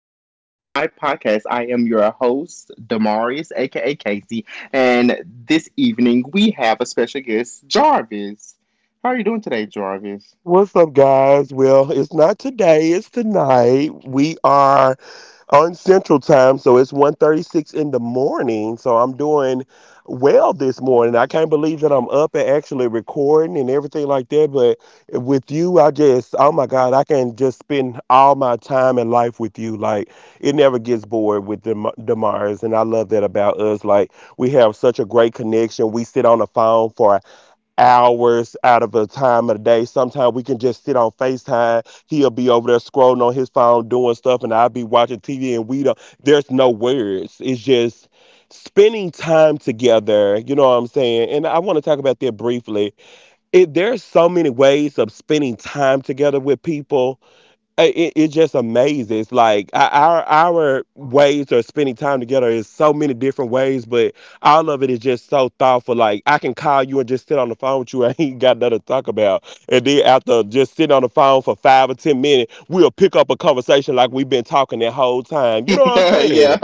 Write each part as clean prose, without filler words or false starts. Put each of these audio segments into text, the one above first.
to my podcast. I am your host, Damarius, aka Casey, and this evening we have a special guest, Jarvis. How are you doing today, Jarvis? What's up, guys? Well, it's not today, it's tonight. We are on Central Time, so it's 1:36 in the morning. So I'm doing well this morning. I can't believe that I'm up and actually recording and everything like that. But with you, I just, oh my God, I can just spend all my time and life with you. Like, it never gets bored with Demars. And I love that about us. Like, we have such a great connection. We sit on the phone for hours out of a time of the day. Sometimes we can just sit on FaceTime. He'll be over there scrolling on his phone doing stuff, and I'll be watching TV, and we don't there's no words. It's just spending time together. You know what I'm saying? And I want to talk about that briefly. It There's so many ways of spending time together with people. It just amazes, like our ways of spending time together is so many different ways, but all of it is just so thoughtful. Like I can call you and just sit on the phone with you. I ain't got nothing to talk about. And then after just sitting on the phone for 5 or 10 minutes, we'll pick up a conversation like we've been talking that whole time. You know what I'm yeah, saying?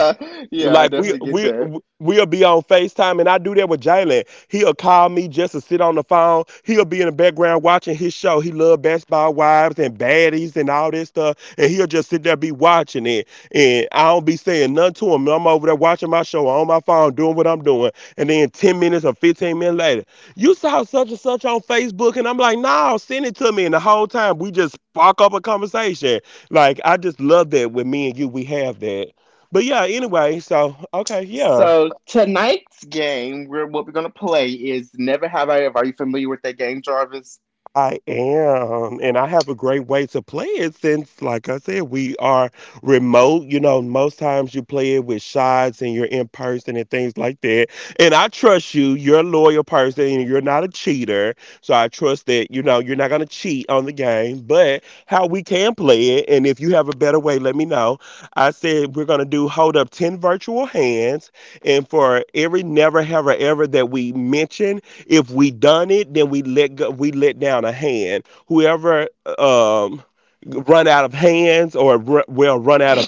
yeah, I Like we definitely get we that. we'll be on FaceTime, and I do that with Jalen. He'll call me just to sit on the phone. He'll be in the background watching his show. He love basketball wives and baddies and all this stuff. And he'll just sit there be watching it. And I don't be saying nothing to him. I'm over there watching my show on my phone, doing what I'm doing. And then 10 minutes or 15 minutes later, you saw such and such on Facebook. And I'm like, nah, send it to me. And the whole time we just spark up a conversation. Like I just love that with me and you, we have that. But yeah, anyway, so okay, yeah, So tonight's game, what we're gonna play is Never Have I Ever. Are you familiar with that game, Jarvis? I am. And I have a great way to play it since, like I said, we are remote. You know, most times you play it with shots and you're in person and things like that. And I trust you. You're a loyal person and you're not a cheater. So I trust that, you know, you're not going to cheat on the game. But how we can play it, and if you have a better way, let me know. I said we're going to do, hold up, 10 virtual hands. And for every never, have, or ever that we mention, if we done it, then we let go, we let down a hand. Whoever um run out of hands, or well, run out of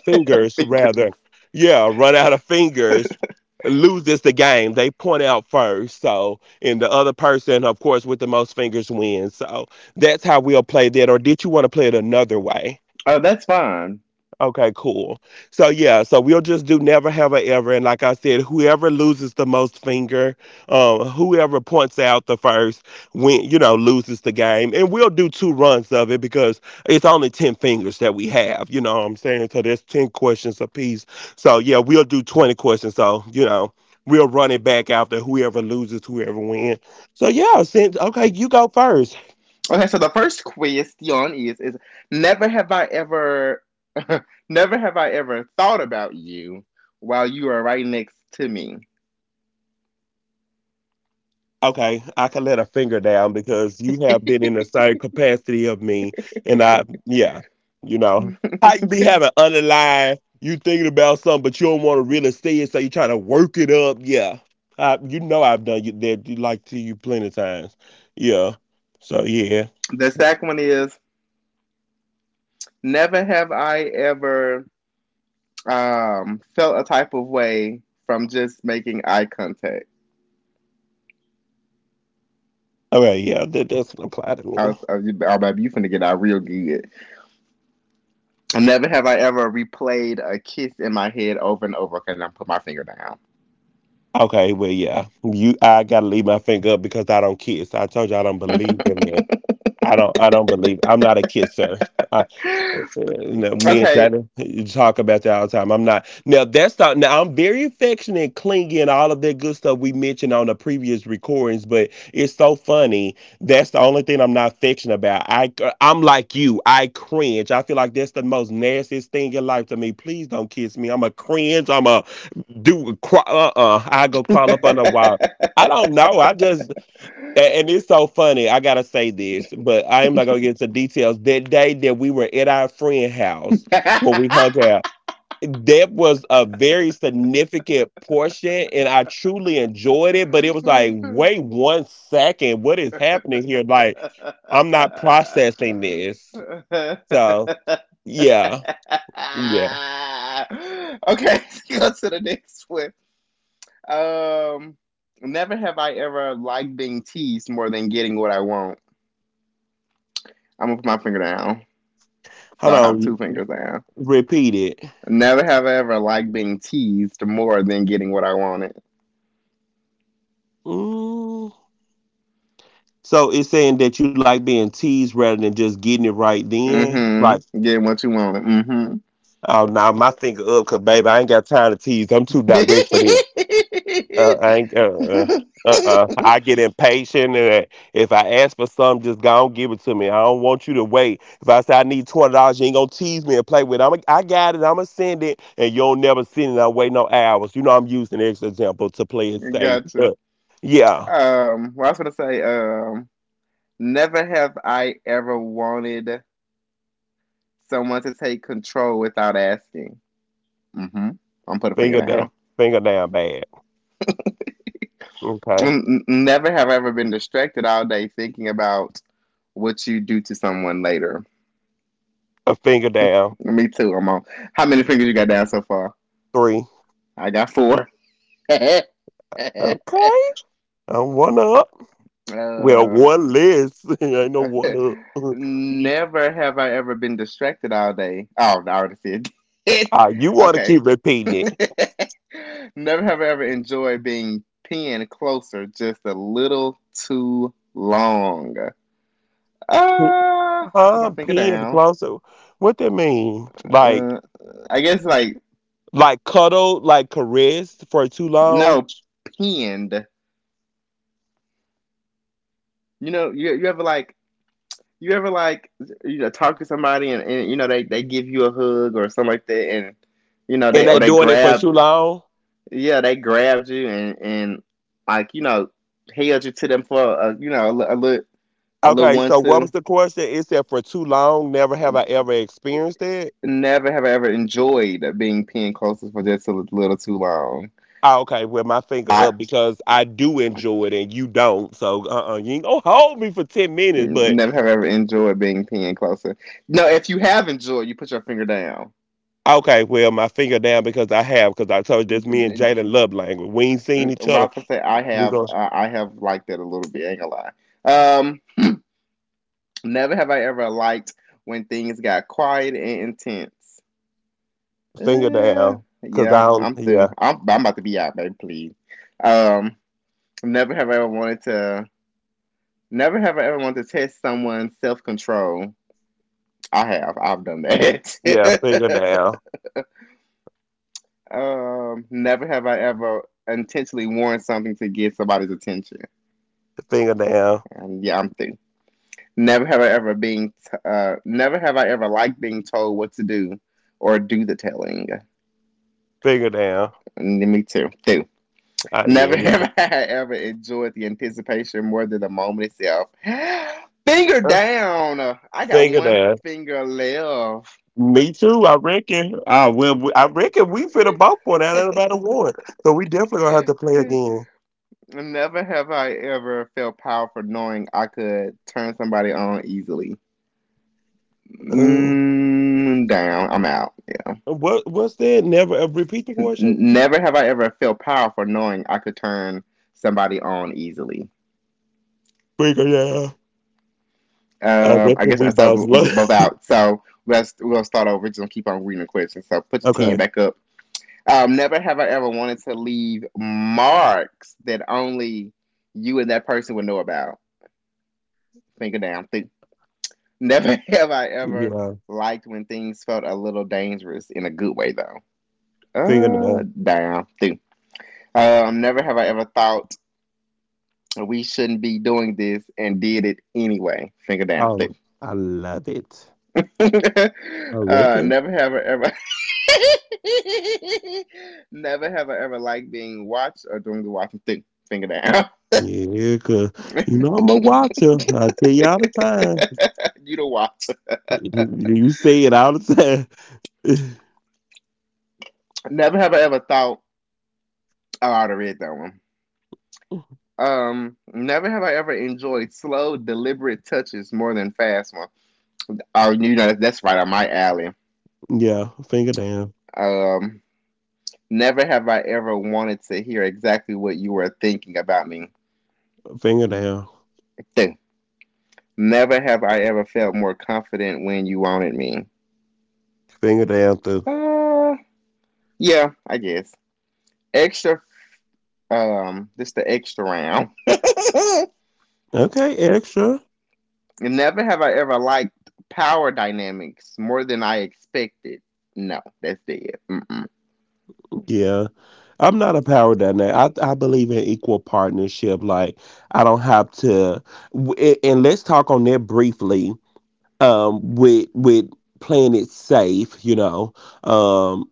fingers Figure. rather, yeah, run out of fingers loses the game. They point out first, so, and the other person, of course, with the most fingers wins. So that's how we'll play that. Or did you want to play it another way? Oh, that's fine. Okay, cool. So yeah, so we'll just do never have a ever, and like I said, whoever loses the most finger, whoever points out the first, win, loses the game, and we'll do two runs of it because it's only 10 fingers that we have. You know what I'm saying? So there's 10 questions apiece. So yeah, we'll do 20 questions. So you know, we'll run it back after whoever loses, whoever wins. So yeah, since okay, you go first. Okay, so the first question is never have I ever never have I ever thought about you while you are right next to me. Okay, I can let a finger down because you have been in the same capacity of me, and I, yeah, you know, how you be having underlying, you thinking about something, but you don't want to really see it, so you try to work it up. Yeah, I've done you that, you like to you plenty of times. Yeah, so yeah, The second one is never have I ever felt a type of way from just making eye contact. okay, yeah, that doesn't apply to me. Oh, baby, you finna get out real good. Never have I ever replayed a kiss in my head over and over. Okay, now put my finger down. Okay, well, yeah, you, I gotta leave my finger up because I don't kiss. I told you I don't believe in that. I don't believe. I'm not a kisser. You know, me and Okay. China talk about that all the time. I'm not now. That's not now. I'm very affectionate, clingy, and all of that good stuff we mentioned on the previous recordings. But it's so funny. That's the only thing I'm not affectionate about. I'm like you. I cringe. I feel like that's the most nastiest thing in life to me. Please don't kiss me. I'm a cringe. I'm a do. I go crawl up under a wall. I don't know. And it's so funny. I gotta say this, but I am not gonna get into details. That day that we were at our friend house, when we hung out, that was a very significant portion, and I truly enjoyed it. But it was like, Okay, wait one second, what is happening here? Like, I'm not processing this. So yeah, yeah. go to the next one. Um, never have I ever liked being teased more than getting what I want. I'm gonna put my finger down, so Hold I have two on, fingers down. repeat it. Never have I ever liked being teased more than getting what I wanted. Mm. So it's saying that you like being teased rather than just getting it right then, like. Mm-hmm. Getting what you wanted. Oh no, my finger up, cause baby, I ain't got time to tease. I'm too direct for them. I ain't. Mm-hmm. I get impatient, and if I ask for something, just go and give it to me. I don't want you to wait. If I say I need $20, you ain't gonna tease me and play with it. I'm, I got it. I'm gonna send it, and you'll never send it. I wait no hours. You know I'm using this example to play it safe. Gotcha. Yeah, I was gonna say, never have I ever wanted someone to take control without asking. Mm-hmm. I'm put a finger finger down, down. finger down, bad. Okay, Never have I ever been distracted all day thinking about what you do to someone later. a finger down, Me too. I'm on. How many fingers you got down so far? three. I got four. uh, Okay, I'm one up. Well, one less. I know one up. never have I ever been distracted all day. Oh, I already said it. Ah, you want to Okay. keep repeating Never have I ever enjoyed being pinned closer just a little too long. it. Put my I'm finger peeing the down. closet. What that mean? Like, Uh, I guess like cuddle, like caress for too long, no pinned. You know, you ever like you ever like you know talk to somebody, and, you know they give you a hug or something like that, and you know they, and or they they doing it for grab, too long. yeah, they grabbed you, and like you know held you to them for a you know a little Okay, one so what was two. the question? It said for too long. Never have I ever experienced it. Never have I ever enjoyed being pinned closer for just a little too long. Ah, okay, with my finger I up because I do enjoy it and you don't. So, you ain't gonna hold me for 10 minutes, but never have I ever enjoyed being pinned closer. No, if you have enjoyed, you put your finger down. okay, well, my finger down because I have, because I told you that's me and Jalen love language. We ain't seen each other. Ralph would say, We gonna I have liked it a little bit." Ain't gonna lie. Never have I ever liked when things got quiet and intense. finger Uh, down, because I yeah, don't, I'm through. yeah, I'm about to be out, baby. Please. Um, never have I ever wanted to. Never have I ever wanted to test someone's self control. I have. I've done yeah, finger that. down, never have I ever intentionally worn something to get somebody's attention. finger down, And yeah, I'm thinking. Never have I ever been. T- Never have I ever liked being told what to do or do the telling. finger down. And me too. Ah, yeah, Never have I ever enjoyed the anticipation more than the moment itself. Finger fin- down. I got finger one down. finger left. Me too, I reckon. Ah, well, we, I reckon we finna both one out of about a one. So we definitely gonna have to play again. Never have I ever felt powerful knowing I could turn somebody on easily. Um, Mm, down. I'm out. Yeah. what's that? Never, Repeat the question? Never have I ever felt powerful knowing I could turn somebody on easily. Finger down. I I reckon guess we so. both We're love. both out. So let's we'll start over. Just gonna keep on reading the questions. So put your ten Okay, back up. Never have I ever wanted to leave marks that only you and that person would know about. Finger down. Think Never have I ever yeah, liked when things felt a little dangerous in a good way, though. finger down. Down through. Never have I ever thought we shouldn't be doing this and did it anyway. Finger down through. Oh, I love it. I reckon. never have I ever. never have I ever liked being watched or doing the watching thing. Finger down. Yeah, 'cause you know I'm a watcher. I tell you all the time. you the watcher. You say it all the time. Never have I ever thought. Oh, I already read that one. Never have I ever enjoyed slow, deliberate touches more than fast ones. Oh, you know, that's right on my alley. Yeah, finger down, Um, never have I ever wanted to hear exactly what you were thinking about me. finger down, Never have I ever felt more confident when you wanted me. finger down through. Uh, yeah, I guess. Extra, this the extra round. Okay, extra. never have I ever liked power dynamics more than I expected. No, that's dead. Mm-mm. Yeah. I'm not a power dynamic. I believe in equal partnership. Like, I don't have to. And let's talk on that briefly. With playing it safe. You know, um,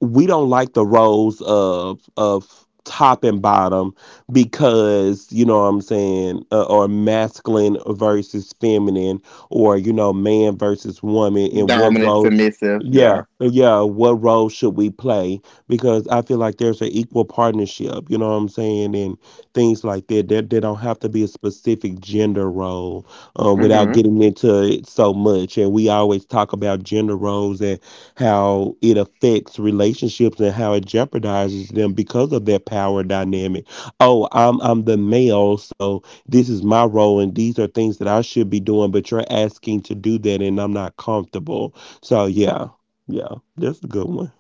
we don't like the roles of top and bottom, because you know what I'm saying, or masculine versus feminine, or you know, man versus woman, and what Dominant, roles. submissive. Yeah, Yeah. yeah. What role should we play? Because I feel like there's an equal partnership. You know what I'm saying, and things like that. There don't have to be a specific gender role, without Hmm. getting into it so much. And we always talk about gender roles and how it affects relationships and how it jeopardizes them because of that power dynamic. Oh, I'm the male, so this is my role, and these are things that I should be doing, but you're asking to do that, and I'm not comfortable. So yeah, yeah, that's a good one.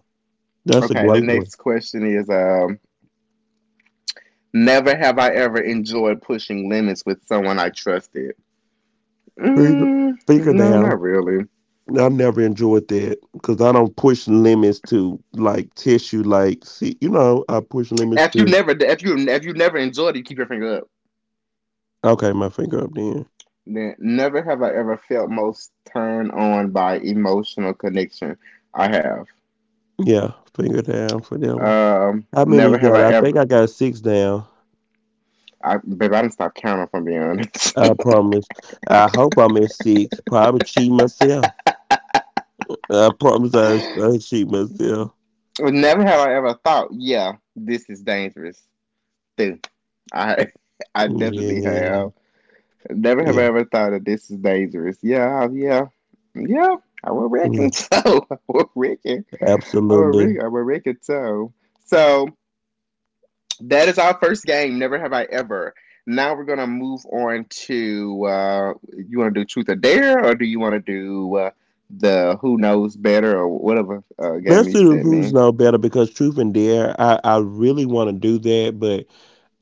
That's a Okay. The great one. next question is: never have I ever enjoyed pushing limits with someone I trusted. Figure, Mm, figure no, down. not really. I never enjoyed that because I don't push limits to like tissue. Like, see, you know, I push limits to. If you never enjoyed it, you keep your finger up. Okay, my finger up then. Then never have I ever felt most turned on by emotional connection. I have. Yeah, finger down for that one. How many you Never have got? I I think ever. I got six down. I, babe, I didn't stop counting. From being honest. I promise. I hope I'm at six. Probably cheat myself. I promise I cheat myself. Never have I ever thought, yeah, this is dangerous. I I definitely Yeah, have. Never have I yeah, ever thought that this is dangerous. Yeah, yeah, yeah. I would yeah. reckon so. I would reckon. I would Absolutely. reckon. I would reckon so. So that is our first game. Never have I ever. Now we're gonna move on to. You want to do truth or dare, or do you want to do the who knows better or whatever Let's game you do the sent who's me? no better, because truth and dare. I really want to do that, but.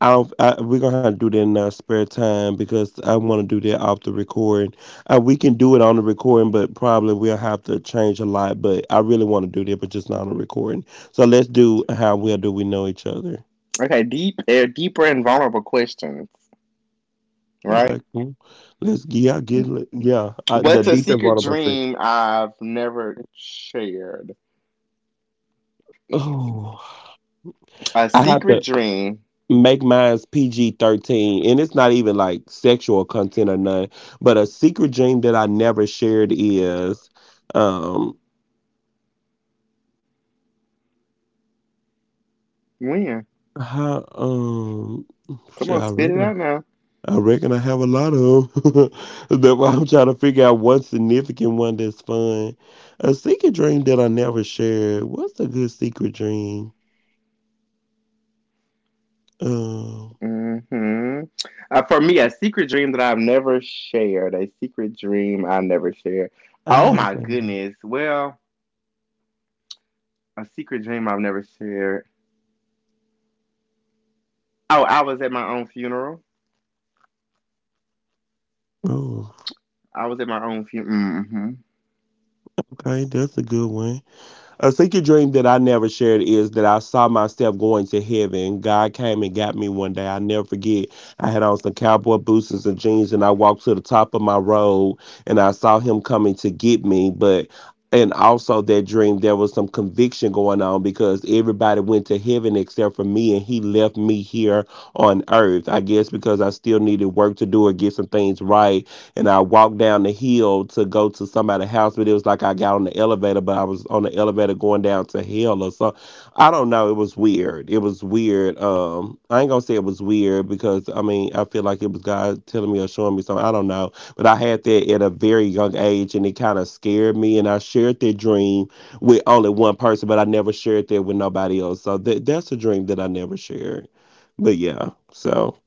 I don't. I, we're gonna have to do that in our spare time because I want to do that off the recording. We can do it on the recording, but probably we'll have to change a lot. But I really want to do that, but just not on the recording. So let's do how well do we know each other? Okay, deep, deeper and vulnerable questions. Right. Okay, cool. Let's, yeah, get it. Yeah. The What's a details secret one about six. dream I've never shared? Oh, A I have secret to dream. make mine's PG 13, and it's not even like sexual content or none. But a secret dream that I never shared is. Um, When? How Come Shit, on, spit it out now. I reckon I have a lot of 'em. That's why I'm trying to figure out one significant one that's fun. A secret dream that I never shared. What's a good secret dream? Um, Hmm. For me, a secret dream that I've never shared. A secret dream I never shared. I Oh have my some. goodness. Well, a secret dream I've never shared. Oh, I was at my own funeral. Oh, I was at my own funeral. Mm-hmm. okay, that's a good one. A secret dream that I never shared is that I saw myself going to heaven. God came and got me one day. I never forget. I had on some cowboy boots and some jeans, and I walked to the top of my road, and I saw him coming to get me. But and also that dream, there was some conviction going on because everybody went to heaven except for me, and he left me here on earth. I guess because I still needed work to do or get some things right, and I walked down the hill to go to somebody's house, but it was like I got on the elevator, but I was on the elevator going down to hell or so. I don't know. It was weird. It was weird. I ain't gonna say it was weird because I mean I feel like it was God telling me or showing me something. I don't know, but I had that at a very young age, and it kind of scared me. And I shared that dream with only one person, but I never shared that with nobody else. So that's a dream that I never shared. But yeah, so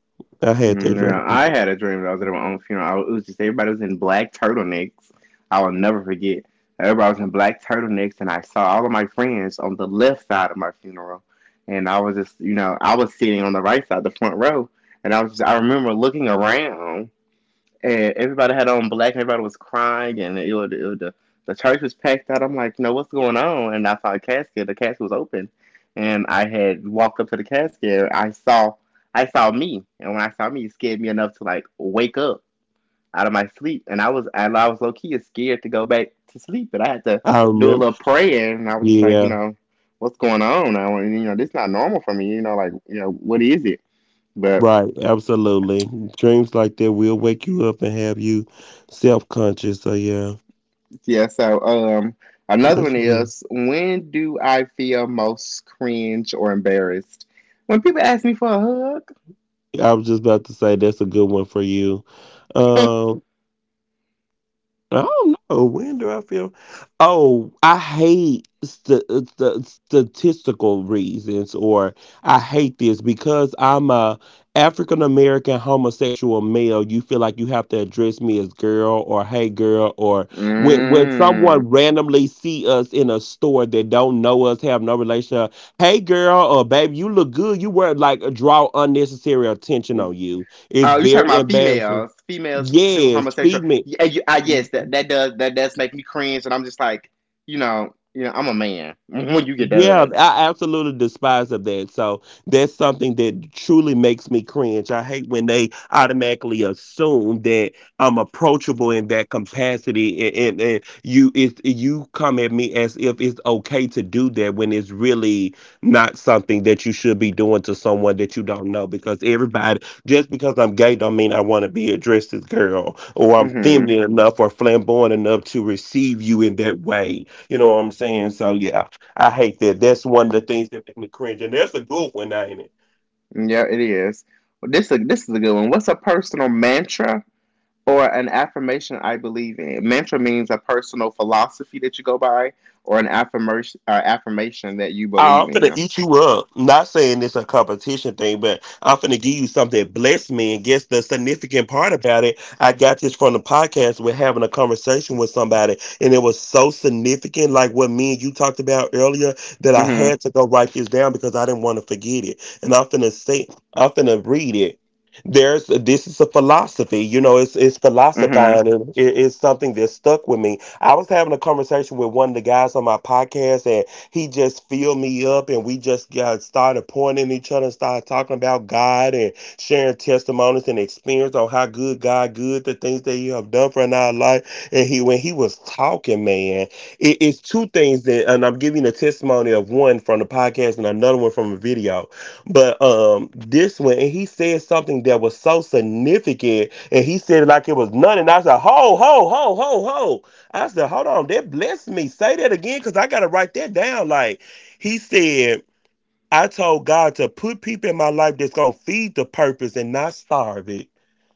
I had that No, dream. I had a dream that I was at my own funeral. I it was just everybody was in black turtlenecks. I will never forget. Everybody was in black turtlenecks, and I saw all of my friends on the left side of my funeral. And I was just, you know, I was sitting on the right side, the front row, and I I remember looking around, and everybody had on black, and everybody was crying, and it was the church was packed out. I'm like, no, what's going on? And I saw a casket. The casket was open, and I had walked up to the casket. And I saw me, and when I saw me, it scared me enough to like wake up out of my sleep. And I was low key scared to go back to sleep, and I had to I do a remember. little prayer. And I was just like, you Yeah. know, what's going on now? And, you know, this is not normal for me. You know, like you know, what is it? But Right, absolutely. Dreams like that will wake you up and have you self conscious. So yeah, yeah, so another that's. one is when do I feel most cringe or embarrassed? When people ask me for a hug? I was just about to say that's a good one for you. Um, I don't know. When do I feel? Oh, I hate statistical reasons, or I hate this because I'm a African American homosexual male. You feel like you have to address me as girl or hey girl, or when someone Mm. randomly see us in a store that don't know us, have no relationship. Hey girl, or baby, you look good. You were like draw unnecessary attention on you. It's Oh, you're talking very about embarrassing. females, females to Yes, homosexual. feed me. Yes, that does make me cringe, and I'm just like, you know, I'm a man. When you get Yeah, done, I absolutely despise of that. So that's something that truly makes me cringe. I hate when they automatically assume that I'm approachable in that capacity, and you it's you come at me as if it's okay to do that when it's really not something that you should be doing to someone that you don't know. Because everybody, just because I'm gay, don't mean I want to be addressed as girl, or I'm mm-hmm. feminine enough or flamboyant enough to receive you in that way. You know what I'm saying? So yeah, I hate that. That's one of the things that make me cringe. And that's a good one, now, ain't it? Yeah, it is. Well, this is a good one. What's a personal mantra or an affirmation I believe in. Mantra means a personal philosophy that you go by, or an affirmation that you Oh, believe I'm finna in. eat you up. Not saying it's a competition thing, but I'm finna give you something that blessed me. And guess the significant part about it, I got this from the podcast. We're having a conversation with somebody, and it was so significant, like what me and you talked about earlier, that I Mm-hmm. had to go write this down because I didn't want to forget it. And I'm finna say, I'm finna read it. There's this is a philosophy, you know. It's Mm-hmm. philosophizing. And it's something that stuck with me. I was having a conversation with one of the guys on my podcast, he just filled me up and we just got started pointing at each other, started talking about God and sharing testimonies and experience on how good God good, the things that you have done for in our life. And he when he was talking, man, it's two things that, and I'm giving a testimony of one from the podcast and another one from a video. But this one, and he said something that was so significant and he said it like it was nothing. I said, ho, ho, ho, ho, ho. I said, hold on, that blessed me. Say that again, because I got to write that down. Like, he said, I told God to put people in my life that's going to feed the purpose and not starve it.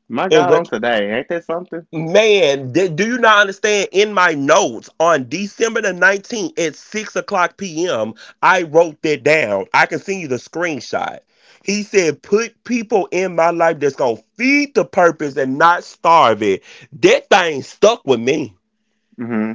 My And God, on what, today, ain't that something? man, that, do you not understand? In my notes on December the 19th at 6 o'clock p.m., I wrote that down. I can send you the screenshot. He said, put people in my life that's going to feed the purpose and not starve it. That thing stuck with me. Mm-hmm.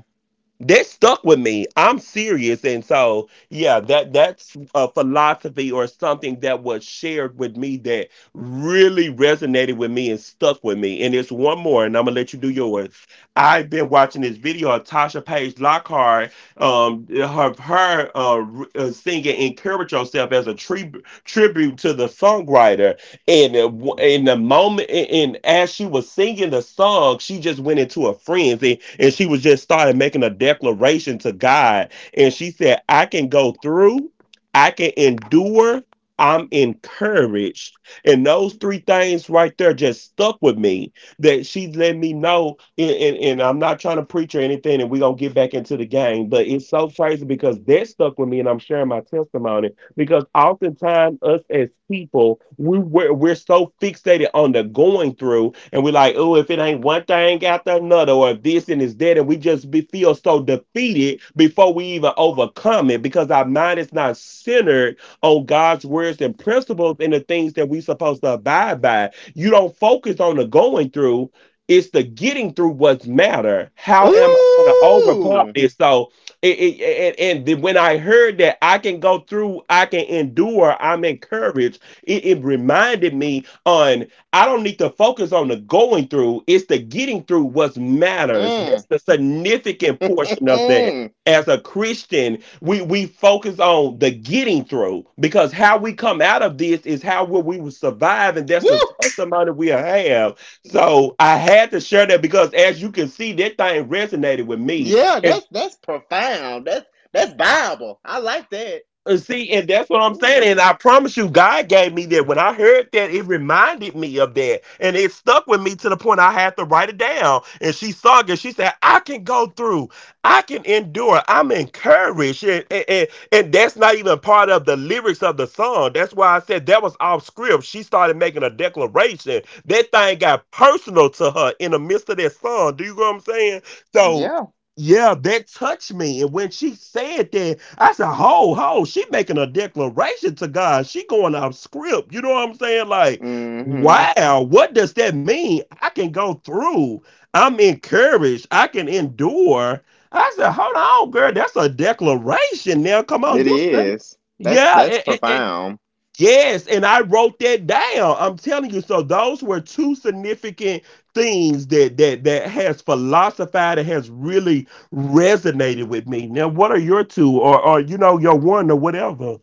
That stuck with me. I'm serious. And so, yeah, that's a philosophy or something that was shared with me that really resonated with me and stuck with me. And it's one more, and I'm gonna let you do yours. I've been watching this video of Tasha Page Lockhart, singing "Encourage Yourself" as a tribute to the songwriter, and in the moment, and as she was singing the song, she just went into a frenzy and she was just started making a declaration to God. And she said, I can go through, I can endure, I'm encouraged. And those three things right there just stuck with me that she let me know. And I'm not trying to preach or anything, and we're going to get back into the game, but it's so crazy because that stuck with me, and I'm sharing my testimony because oftentimes us as people we're so fixated on the going through and we're like, oh, if it ain't one thing after another or if this and is that, and we just be, feel so defeated before we even overcome it because our mind is not centered on god's words and principles and the things that we supposed to abide by. You don't focus on the going through, it's the getting through what's matter. How am I going to overcome Ooh. this? So and when I heard that I can go through, I can endure, I'm encouraged. It reminded me on I don't need to focus on the going through; it's the getting through what matters. Mm. That's the significant portion of that. Mm. As a Christian, we focus on the getting through because how we come out of this is how will we will survive, and that's the Woo. testimony we have. So I had to share that because, as you can see, that thing resonated with me. Yeah, And that's profound. That's Bible. I like that. See, and that's what I'm saying. And Ooh. I promise you, God gave me that. When I heard that, it reminded me of that. And it stuck with me to the point I had to write it down. And she saw it. She said, I can go through. I can endure. I'm encouraged. And that's not even part of the lyrics of the song. That's why I said that was off script. She started making a declaration. That thing got personal to her in the midst of that song. Do you know what I'm saying? So Yeah. yeah, that touched me. And when she said that, I said, ho, ho, she making a declaration to God. She going off script. You know what I'm saying? Like, Mm-hmm. wow, what does that mean? I can go through. I'm encouraged. I can endure. I said, hold on, girl, that's a declaration now. Come on, It you say. is. Yeah, That's and, profound. yes, and I wrote that down. I'm telling you. So those were two significant things that that has philosophized and has really resonated with me. Now, what are your two, or you know, your one, or whatever?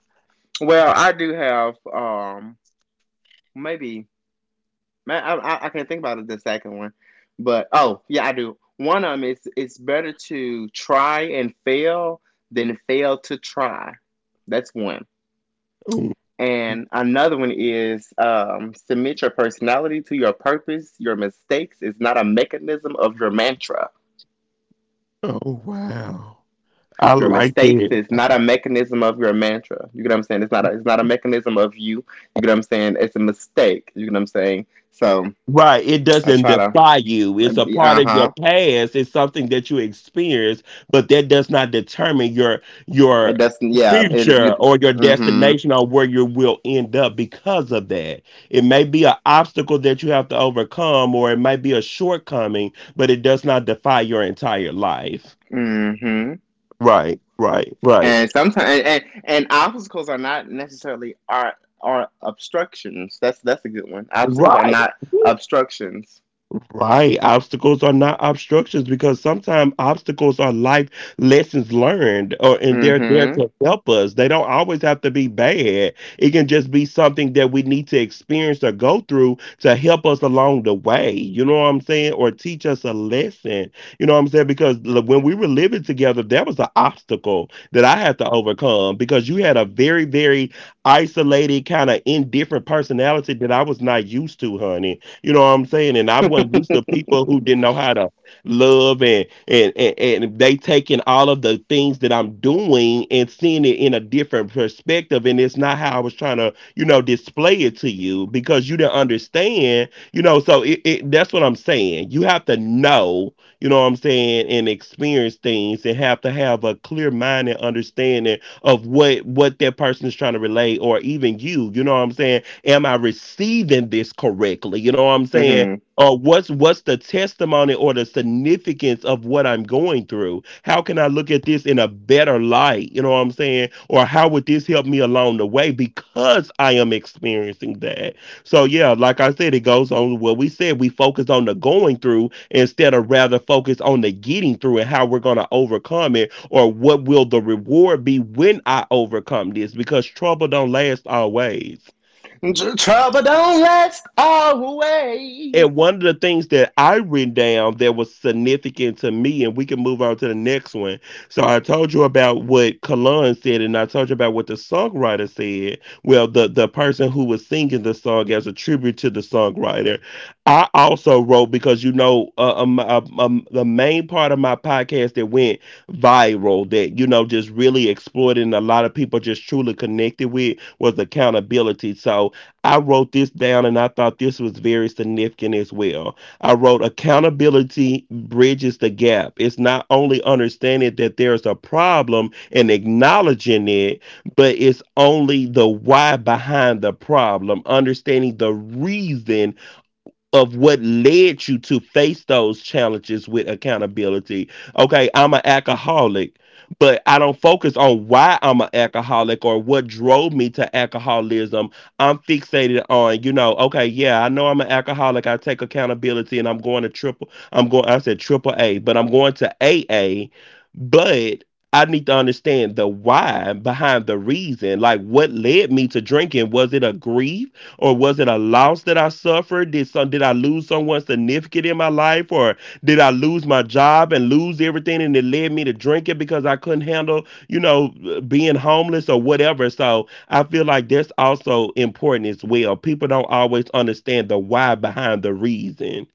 Well, I do have maybe Man, I can't think about it, the second one. But oh, yeah, I do. One of them is it's better to try and fail than fail to try. That's one. Oh, And another one is submit your personality to your purpose. Your mistakes is not a mechanism of your mantra. oh, wow, I Your like mistakes that. is not a mechanism of your mantra. You get what I'm saying? It's not a mechanism of you. You get what I'm saying? It's a mistake. You get what I'm saying? So Right. It I doesn't try to, defy you. It's a part uh of your huh. past. It's something that you experience, but that does not determine your It your doesn't. Yeah. It you. future or your Mhm. destination or where you will end up because of that. It may be an obstacle that you have to overcome or it might be a shortcoming, but it does not defy your entire life. Mhm. Right, right, right. And sometimes and obstacles are not necessarily are obstructions. That's a good one. Obstacles are Right. not obstructions. Right. Obstacles are not obstructions because sometimes obstacles are life lessons learned or and they're there Mhm. to help us. They don't always have to be bad. It can just be something that we need to experience or go through to help us along the way. You know what I'm saying? Or teach us a lesson. You know what I'm saying? Because when we were living together, there was an obstacle that I had to overcome because you had a very, very isolated, kind of indifferent personality that I was not used to, honey, you know what I'm saying? And I wasn't used to people Mhm. who didn't know how to love and they taking all of the things that I'm doing and seeing it in a different perspective. And it's not how I was trying to, you know, display it to you because you didn't understand, you know. So it that's what I'm saying. You have to know, you know what I'm saying, and experience things and have to have a clear mind and understanding of what that person is trying to relate or even you know what I'm saying. Am I receiving this correctly? You know what I'm saying? What's the testimony or the significance of what I'm going through? How can I look at this in a better light? You know what I'm saying? Or how would this help me along the way because I am experiencing that? So yeah, like I said, it goes on what we said. We focus on the going through instead of rather focus on the getting through and how we're gonna overcome it or what will the reward be when I overcome this? Because trouble don't last always. Trouble don't last always. And one of the things that I written down that was significant to me, and we can move on to the next one. So I told you about what Kalon said, and I told you about what the songwriter said. Well, the person who was singing the song as a tribute to the songwriter. I also wrote because you know the main part of my podcast that went viral, that you know just really exploited, and a lot of people just truly connected with was accountability. So I wrote this down and I thought this was very significant as well. I wrote accountability bridges the gap. It's not only understanding that there's a problem and acknowledging it, but it's only the why behind the problem, understanding the reason of what led you to face those challenges with accountability. Okay, I'm an alcoholic, but I don't focus on why I'm an alcoholic or what drove me to alcoholism. I'm fixated on, you know, okay, yeah, I know I'm an alcoholic. I take accountability and I'm going to triple, I'm going, I said triple A, but I'm going to AA. But I need to understand the why behind the reason. Like, what led me to drinking? Was it a grief? Or was it a loss that I suffered? Did some did I lose someone significant in my life or did I lose my job and lose everything and it led me to drinking because I couldn't handle, you know, being homeless or whatever. So I feel like that's also important as well. People don't always understand the why behind the reason.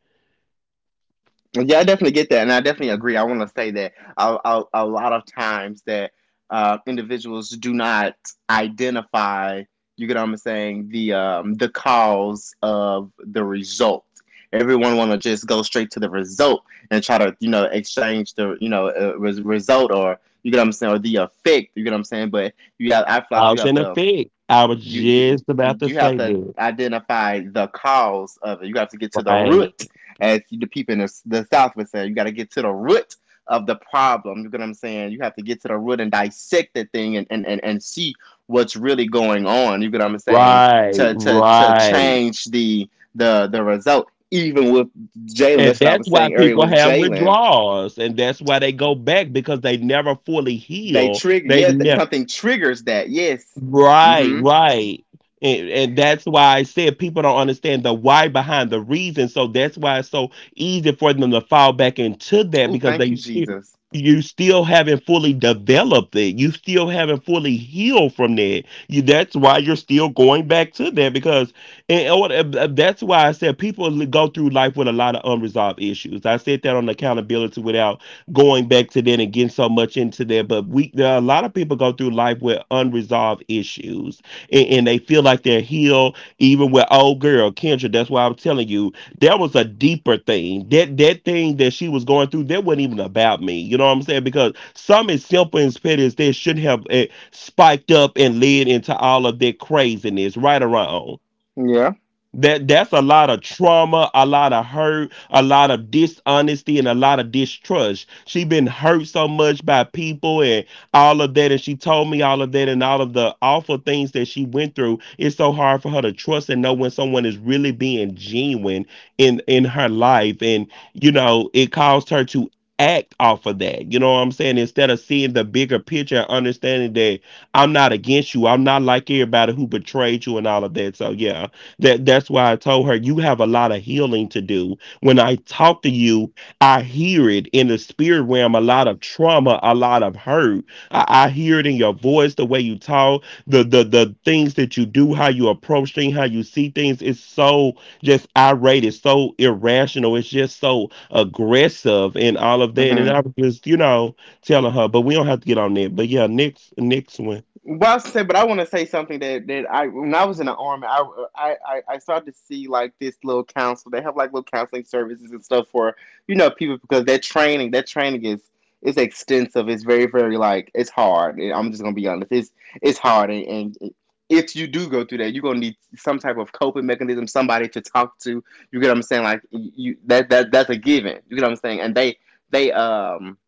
Yeah, I definitely get that, and I definitely agree. I want to say that a lot of times that individuals do not identify. You get what I'm saying? The cause of the result. Everyone want to just go straight to the result and try to you know exchange the you know result or you get what I'm saying or the effect. You get what I'm saying? But you have I feel like you Cause have and to effect. I was you just you about to you have say to that. identify the cause of it. You have to get to the root, Right. as the people in the South would say. You got to get to the root of the problem. You get what I'm saying? You have to get to the root and dissect the thing and see what's really going on. You get what I'm saying? Right. To Right. change the result. Even with Jalen, And that's what I that's was why saying earlier people with have Jalen. withdrawals. And that's why they go back because they never fully They heal. trigger, They yeah, something triggers that. Yes. right, Mm-hmm. right. And that's why I said people don't understand the why behind the reason. So that's why it's so easy for them to fall back into that Ooh, because thank they you, still- Jesus. you still haven't fully developed it. You still haven't fully healed from that. You, that's why you're still going back to that because and, oh, and that's why I said people go through life with a lot of unresolved issues. I said that on accountability without going back to that and getting so much into that. But we there are a lot of people go through life with unresolved issues and they feel like they're healed, even with old girl, Kendra. That's why I'm telling you, there was a deeper thing. That that thing that she was going through, that wasn't even about me. You know what I'm saying? Because some as simple and petty as this shouldn't have spiked up and led into all of that craziness, right or wrong. Yeah. That's a lot of trauma, a lot of hurt, a lot of dishonesty, and a lot of distrust. She been hurt so much by people and all of that, and she told me all of that and all of the awful things that she went through. It's so hard for her to trust and know when someone is really being genuine in her life, and you know it caused her to act off of that. You know what I'm saying? Instead of seeing the bigger picture and understanding that I'm not against you, I'm not like everybody who betrayed you and all of that. So yeah, that's why I told her you have a lot of healing to do. When I talk to you, I hear it in the spirit realm, a lot of trauma, a lot of hurt. I hear it in your voice, the way you talk, the things that you do, how you approach things, how you see things. It's so just irate, it's so irrational, it's just so aggressive and all of that. And then Mm-hmm. I was just, you know, telling her, but we don't have to get on that. But yeah, next one. Well, I say, but I want to say something that I when I was in the army, I started to see like this little counsel. They have like little counseling services and stuff for people because that training is extensive. It's very like it's hard. And I'm just gonna be honest. It's hard, and if you do go through that, you're gonna need some type of coping mechanism, somebody to talk to. You get what I'm saying? Like you that's a given. You get what I'm saying? And they um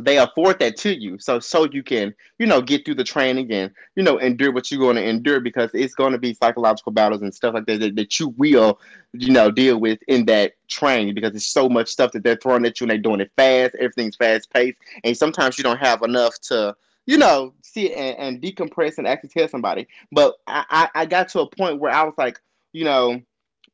they afford that to you so so you can get through the training and endure what you're going to endure because it's going to be psychological battles and stuff like that, that you will deal with in that training because it's so much stuff that they're throwing at you and they're doing it fast, everything's fast paced and sometimes you don't have enough to sit and decompress and actually tell somebody. But I got to a point where I was like, you know,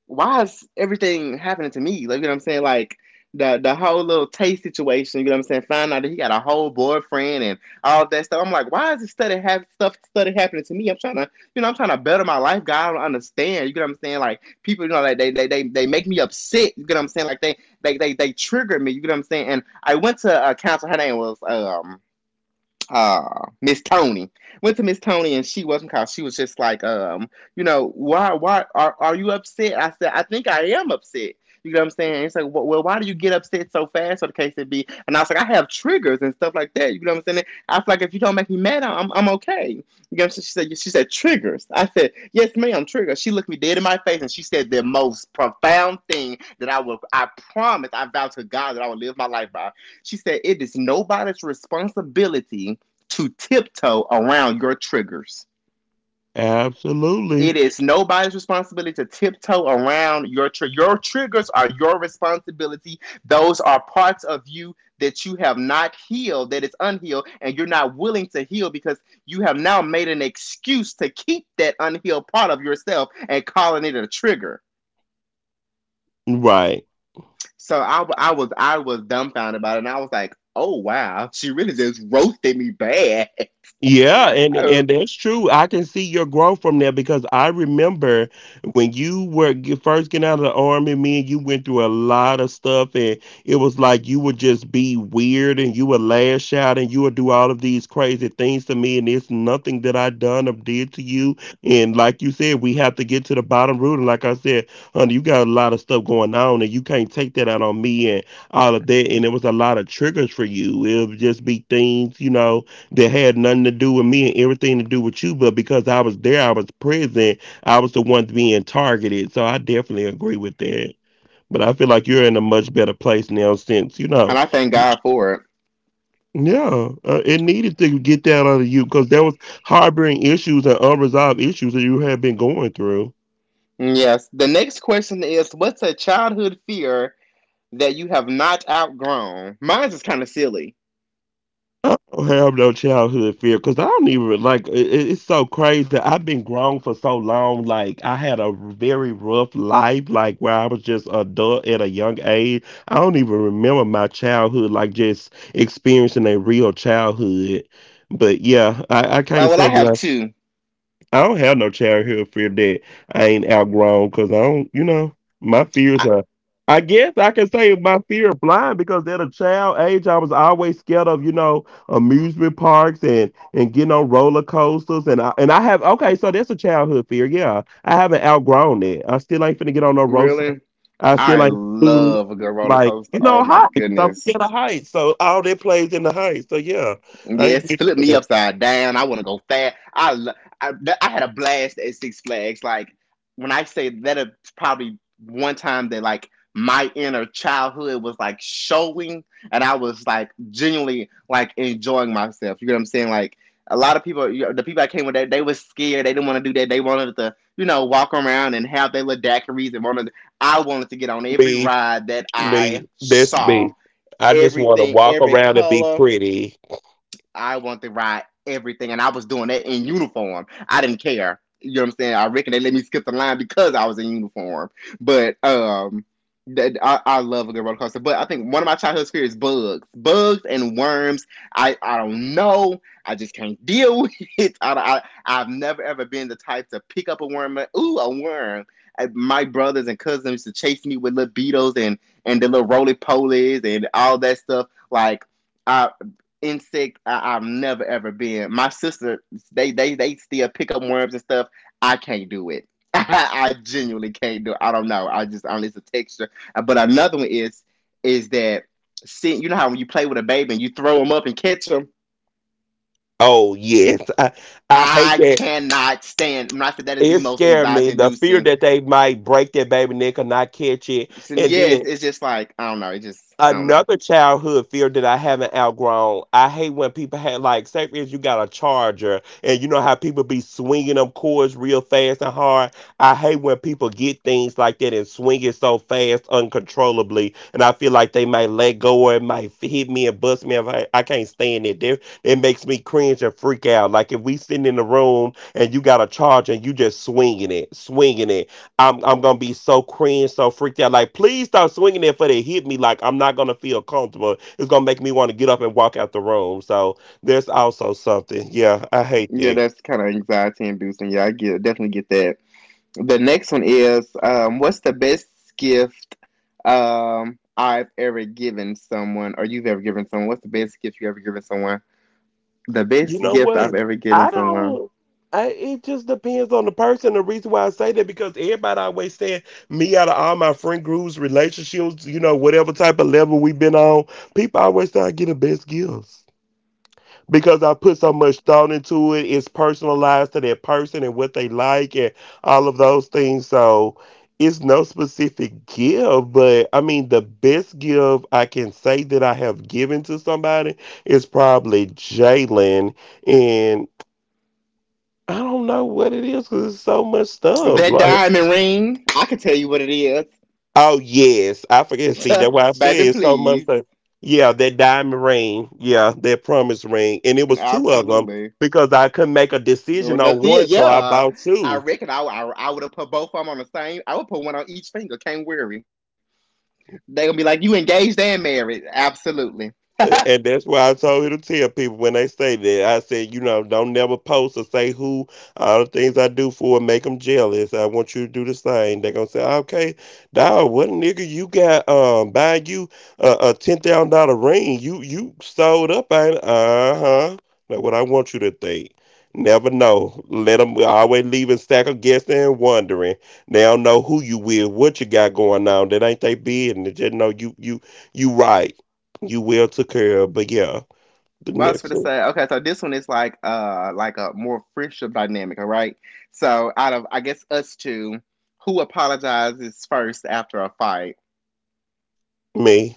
why is everything happening to me? Like, you know what I'm saying? Like the whole little taste situation, you know what I'm saying? Find out that he got a whole boyfriend and all that stuff. I'm like, why is this study have stuff study happening to me? I'm trying to, you know, I'm trying to better my life, God. I don't understand. You know what I'm saying? Like people, you know, like they make me upset, you know what I'm saying? Like they trigger me, you know what I'm saying? And I went to a counselor, her name was Miss Tony. Went to Miss Tony and she wasn't called. She was just like, you know, why are you upset? I said, I think I am upset. You know what I'm saying? And it's like, well, why do you get upset so fast or the case it be? And I was like, I have triggers and stuff like that. You know what I'm saying? I was like, if you don't make me mad, I'm okay. You know what I'm saying? She said triggers. I said, yes, ma'am, triggers. She looked me dead in my face and she said the most profound thing that I will, I promise, I vow to God that I will live my life by. She said, it is nobody's responsibility to tiptoe around your triggers. Absolutely. It is nobody's responsibility to tiptoe around your trigger. Your triggers are your responsibility. Those are parts of you that you have not healed, that is unhealed, and you're not willing to heal because you have now made an excuse to keep that unhealed part of yourself and calling it a trigger. Right. So I was I was dumbfounded about it, and I was like, "Oh wow, she really just roasted me bad." Yeah, and that's true. I can see your growth from there because I remember when you were first getting out of the army, me and you went through a lot of stuff, and it was like you would just be weird and you would lash out and you would do all of these crazy things to me, and it's nothing that I done or did to you. And like you said, we have to get to the bottom root. And like I said, honey, you got a lot of stuff going on, and you can't take that out on me and all of that. And it was a lot of triggers for you. It would just be things, you know that had nothing to do with me and everything to do with you, but because I was there, I was present, I was the one being targeted. So I definitely agree with that. But I feel like you're in a much better place now since, you And know, I thank God for it. yeah, it needed to get that out of you because there was harboring issues and unresolved issues that you had been going through. Yes. The next question is, what's a childhood fear that you have not outgrown? Mine's is kind of silly. I don't have no childhood fear because I don't even like it's so crazy. I've been grown for so long. Like I had a very rough life, like where I was just adult at a young age. I don't even remember my childhood, like just experiencing a real childhood. But yeah, I can't Well, say I have that. two. I don't have no childhood fear that I ain't outgrown because I don't, you know, my fears I, are. I guess I can say my fear of flying because at a child age I was always scared of, you know, amusement parks and getting on roller coasters and I have okay, so that's a childhood fear, yeah. I haven't outgrown it. I still ain't finna get on no roller. really? I I still ain't seen, love a good roller like coaster. you Oh know my heights. I'm goodness. scared of heights, so all that plays in the heights. So yeah, I Yes, flip me upside down. I want to go fast. I, lo- I That, I had a blast at Six Flags. Like when I say that, it's probably one time that like my inner childhood was like showing, and I was like genuinely like enjoying myself. You know what I'm saying? Like a lot of people, you know, the people I came with, that they were scared. They didn't want to do that. They wanted to, you know, walk around and have their little daiquiris and wanted. I wanted to get on every ain't. ride that I Me, this saw. me. I just want to Everything, walk every around and be color, pretty. I wanted to ride everything, and I was doing that in uniform. I didn't care. You know what I'm saying? I reckon they let me skip the line because I was in uniform. But that, I love a good roller coaster. But I think one of my childhood fears is bugs, bugs and worms. I don't know. I just can't deal with it. I've never ever been the type to pick up a worm. And, ooh, a worm. I, my brothers and cousins used to chase me with little beetles and the little roly polies and all that stuff. Like. I insect, I, I've never ever been. My sister, they still pick up worms and stuff. I can't do it. I genuinely can't do it. I don't know. I just, I don't, it's a texture. But another one is that, see, you know how when you play with a baby and you throw them up and catch them. Oh yes, I hate I that. cannot stand. When I said that is It the most scared me. anxiety The fear inducing. that they might break that baby neck or not catch it, And and yes, then it's just like I don't know. It just, I don't know. another childhood fear that I haven't outgrown. I hate when people had like, say for instance, you got a charger, and you know how people be swinging them cords real fast and hard. I hate when people get things like that and swing it so fast, uncontrollably, and I feel like they might let go or it might hit me and bust me. If I, I can't stand it, it makes me cringe and freak out. Like if we sitting in the room and you got a charger and you just swinging it. I'm gonna be so cringe, so freaked out. Like, please stop swinging it for they hit me. Like, I'm not gonna feel comfortable. It's gonna make me want to get up and walk out the room. So there's also something. Yeah, I hate Yeah, that. that's kind of anxiety inducing. Yeah, I get, definitely get that. The next one is, what's the best gift, I've ever given someone or you've ever given someone? What's the best gift you ever given someone? The You best know gift what? I've ever given I someone. don't. It just depends on the person. The reason why I say that because everybody always said me out of all my friend groups, relationships, you know, whatever type of level we've been on, people always say I get the best gifts. Because I put so much thought into it. It's personalized to that person and what they like and all of those things. So it's no specific give, but I mean, the best give I can say that I have given to somebody is probably Jalen. And I don't know what it is because it's so much stuff. That Like. diamond ring. I can tell you what it is. Oh yes, I forget. See, that's why I said Baby, it's so much. please. That, yeah, that diamond ring. Yeah, that promise ring, and it was two of them Absolutely. because I couldn't make a Well, decision that's on one, it. so I Yeah. bought I two. reckon I would have put both of them on the same. I would put one on each finger. Can't worry. They are going to be like, you engaged and married. Absolutely. And that's why I told you to tell people when they say that. I said, you know, don't never post or say who. All the things I do for them make them jealous. I want you to do the same. They're gonna say, okay, dog, what nigga you got buying you a $10,000 ring? You sold up, ain't uh huh. That's what I want you to think. Never know. Let them always leave a stack of guessing and wondering. They don't know who you with, what you got going on. That ain't they business. Just know you right. You well took care of. But yeah, the Well, I was next gonna one, say, okay, so this one is like a more friendship dynamic, all right? So out of I guess us two, who apologizes first after a fight? me,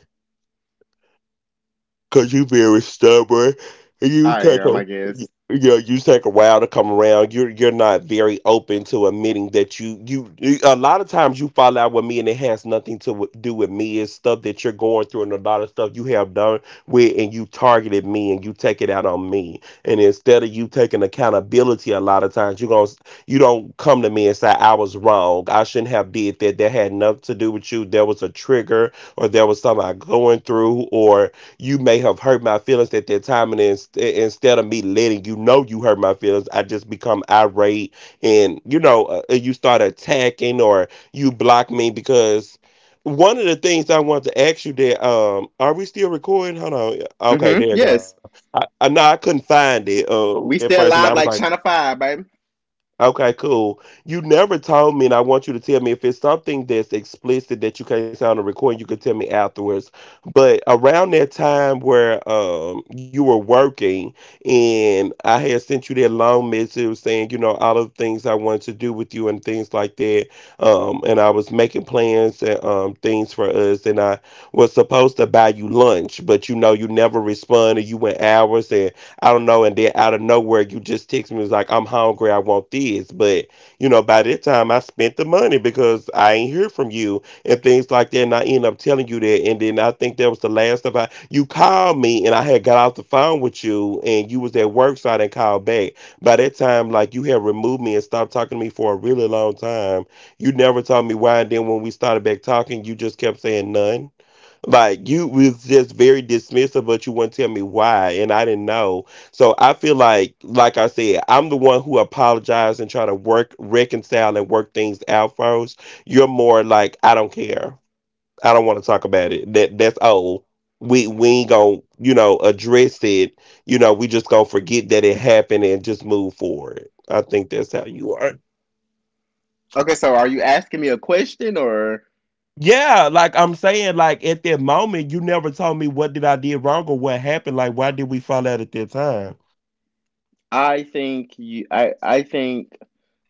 'cause you very stubborn. and You I take am, a I you, guess. you you take a while to come around. You're not very open to admitting that you a lot of times you fall out with me and it has nothing to do with me. It's stuff that you're going through and a lot of stuff you have done with and you targeted me and you take it out on me. And instead of you taking accountability, a lot of times you don't come to me and say I was wrong. I shouldn't have did that. That had nothing to do with you. There was a trigger or there was something I going through, or you may have hurt my feelings at that time, and instead of me letting you know you hurt my feelings, I just become irate. And you know, you start attacking, or you block me. Because one of the things I wanted to ask you, that are we still recording? Hold on. Okay, Mm-hmm. there you go. Yes. I No, I couldn't find it at We first, still and I was alive like, like China Five, baby. okay, cool. You never told me, and I want you to tell me if it's something that's explicit that you can't say on the recording, you could tell me afterwards. But around that time where you were working and I had sent you that long message saying, you know, all of the things I wanted to do with you and things like that. And I was making plans and things for us, and I was supposed to buy you lunch, but you know you never responded. You went hours, and I don't know. And then out of nowhere, you just text me. It was like, I'm hungry, I want this. But, you know, by that time, I spent the money because I ain't hear from you and things like that. And I end up telling you that. And then I think that was the last of you called me, and I had got off the phone with you, and you was at work, so I didn't call back. By that time, like, you had removed me and stopped talking to me for a really long time. You never told me why. And then when we started back talking, you just kept saying none. Like you was just very dismissive, but you wouldn't tell me why, and I didn't know. So I feel like I said, I'm the one who apologized and try to work, reconcile, and work things out first. You're more like, I don't care. I don't want to talk about it. That, that's old. We ain't gonna, you know, address it. You know, we just gonna forget that it happened and just move forward. I think that's how you are. Okay, so are you asking me a question or Yeah, like I'm saying, like at that moment, you never told me what did I did wrong or what happened. Like, why did we fall out at that time? I think,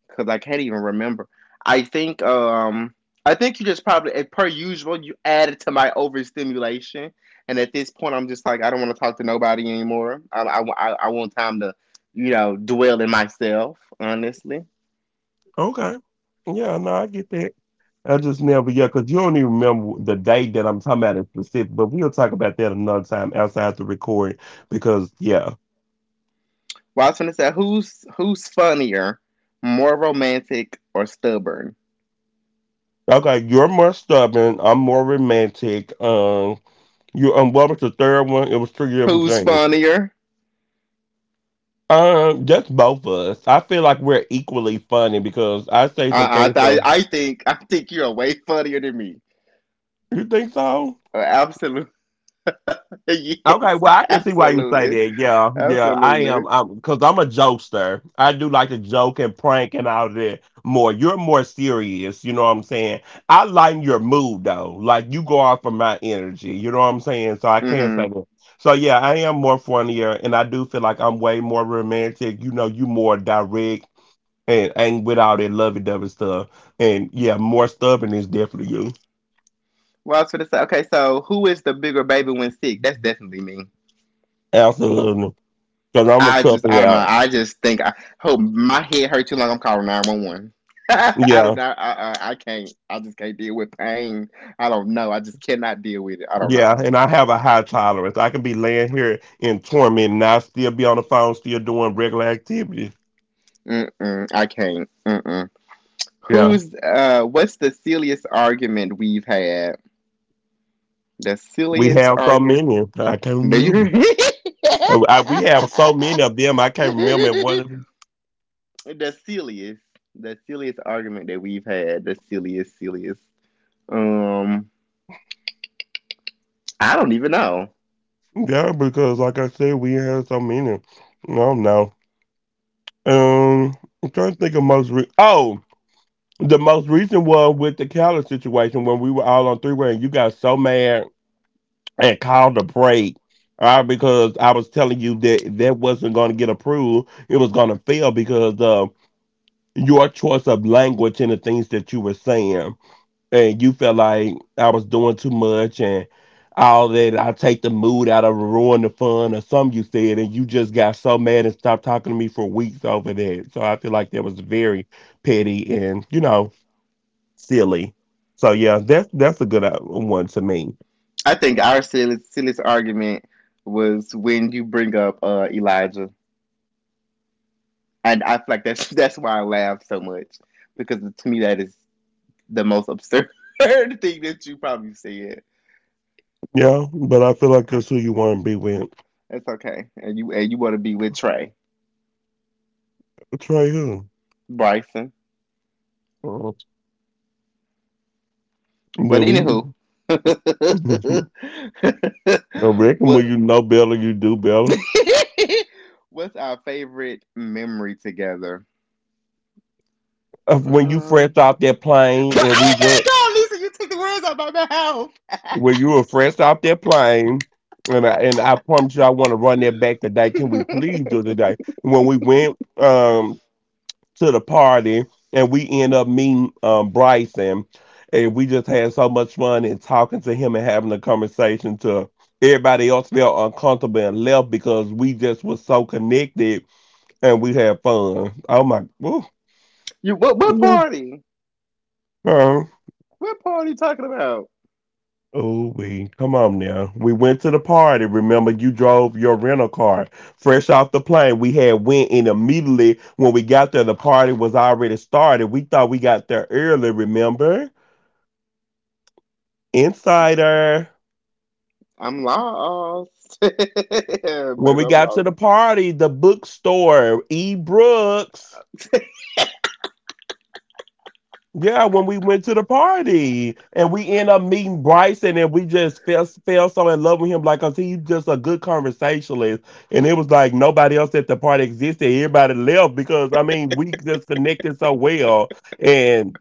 because I can't even remember. I think um I think you just probably as per usual you added to my overstimulation, and at this point I'm just like I don't want to talk to nobody anymore. I want time to, you know, dwell in myself honestly. Okay. Yeah, no, I get that. I just never, yeah, because you don't even remember the day that I'm talking about in specific, but we'll talk about that another time outside the recording, because, yeah. Well, I was gonna say who's funnier, more romantic or stubborn? Okay, you're more stubborn. I'm more romantic. You, what was the third one? It was two different Who's things. funnier? Just both of us. I feel like we're equally funny because I say some I things. I I think I think you're way funnier than me. You think so? Absolutely. Okay, Yes, well, I can see why you say absolutely. that. Yeah, yeah, I am. Absolutely. I'm, because I'm a jokester. I do like to joke and prank and all that more. You're more serious. You know what I'm saying? I lighten your mood though. Like you go off of my energy. You know what I'm saying? So I can't Hmm. say that. So yeah, I am more funnier, and I do feel like I'm way more romantic. You know, you more direct and ain't with all that lovey dovey stuff. And yeah, more stubborn is definitely you. Well, I was gonna say, okay, so who is the bigger baby when sick? That's definitely me. Absolutely, because I'm gonna I cut just, it I don't know. out. I just think, I hope my head hurt too long. I'm calling 911. I don't Yeah. know. I can't. I just can't deal with pain. I don't know. I just cannot deal with it. I don't know. Yeah, and I have a high tolerance. I can be laying here in torment and I still be on the phone, still doing regular activities. Mm-mm, I can't. Mm-mm. Yeah, Who's, what's the silliest argument we've had? The we silliest have so argument? many. I can't Do you remember. hear We have so many of them. I can't remember one me? of them. The silliest, the silliest argument that we've had, the silliest, silliest. Um, I don't even know. Yeah, because like I said, we have so many. No, no. Um, I'm trying to think of most. Oh, the most recent one with the Cali situation when we were all on three way and you got so mad and called a break. All right, because I was telling you that that wasn't going to get approved. It was going to fail because of your choice of language and the things that you were saying. And you felt like I was doing too much and all that. I take the mood out of it, ruin the fun or something you said. And you just got so mad and stopped talking to me for weeks over that. So I feel like that was very petty and, you know, silly. So yeah, that's a good one to me. I think our silliest argument was when you bring up Elijah, and I feel like that's that's why I laugh so much because to me that is the most absurd thing that you probably said. Yeah, but I feel like that's who you want to be with. That's okay, and you want to be with Trey Trey Hill. Bryson, Uh, but Well, we anywho. I reckon when What you know better, you do better. what's our favorite memory together? When you Um, fresh off that but, plane, and we oh my went God, Lisa, you took the words out of when you were fresh off that plane, and I promise you, I want to run that back today. my Can we please do it mouth. today? When we went, to the party and we end up meeting Bryson. And we just had so much fun and talking to him and having a conversation to everybody else felt uncomfortable and left because we just was so connected and we had fun. Oh my ooh, You what? What yeah. party? uh, What party you talking about? Oh, we come on now. We went to the party. Remember, you drove your rental car fresh off the plane. We had went and immediately when we got there the party was already started. We thought we got there early, remember? Insider. I'm lost, baby. When we I'm got to lost. the party, the bookstore, E. Brooks. Yeah, when we went to the party and we end up meeting Bryson and we just fell so in love with him, like, cause he's just a good conversationalist. And it was like nobody else at the party existed. Everybody left because, I mean, we just connected so well. And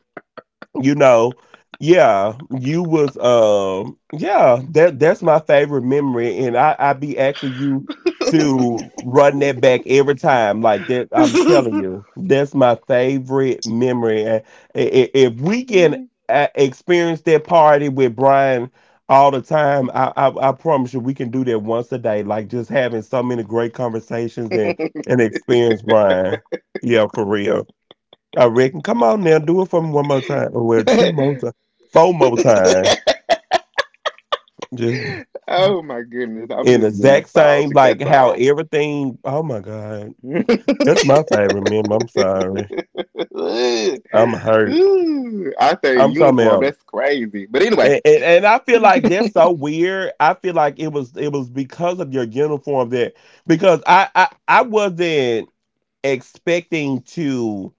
you know, yeah, you was yeah, that's my favorite memory. And I be asking you to run that back every time, like that. I'm telling you, that's my favorite memory. And if we can experience that party with Brian all the time, I promise you we can do that once a day, like just having so many great conversations and experience Brian, yeah, for real. I reckon. Come on now, do it for me one more time. Or, well, two more times. Four more times. Just Oh my goodness, I'm in the just getting exact same, nostalgic. like That's how all. everything, oh my God. Ooh, That's my favorite meme. I'm sorry. I'm hurt. I say I'm talking uniform. about, That's crazy. But anyway. and I feel like that's so weird. I feel like it was because of your uniform that, because I wasn't expecting to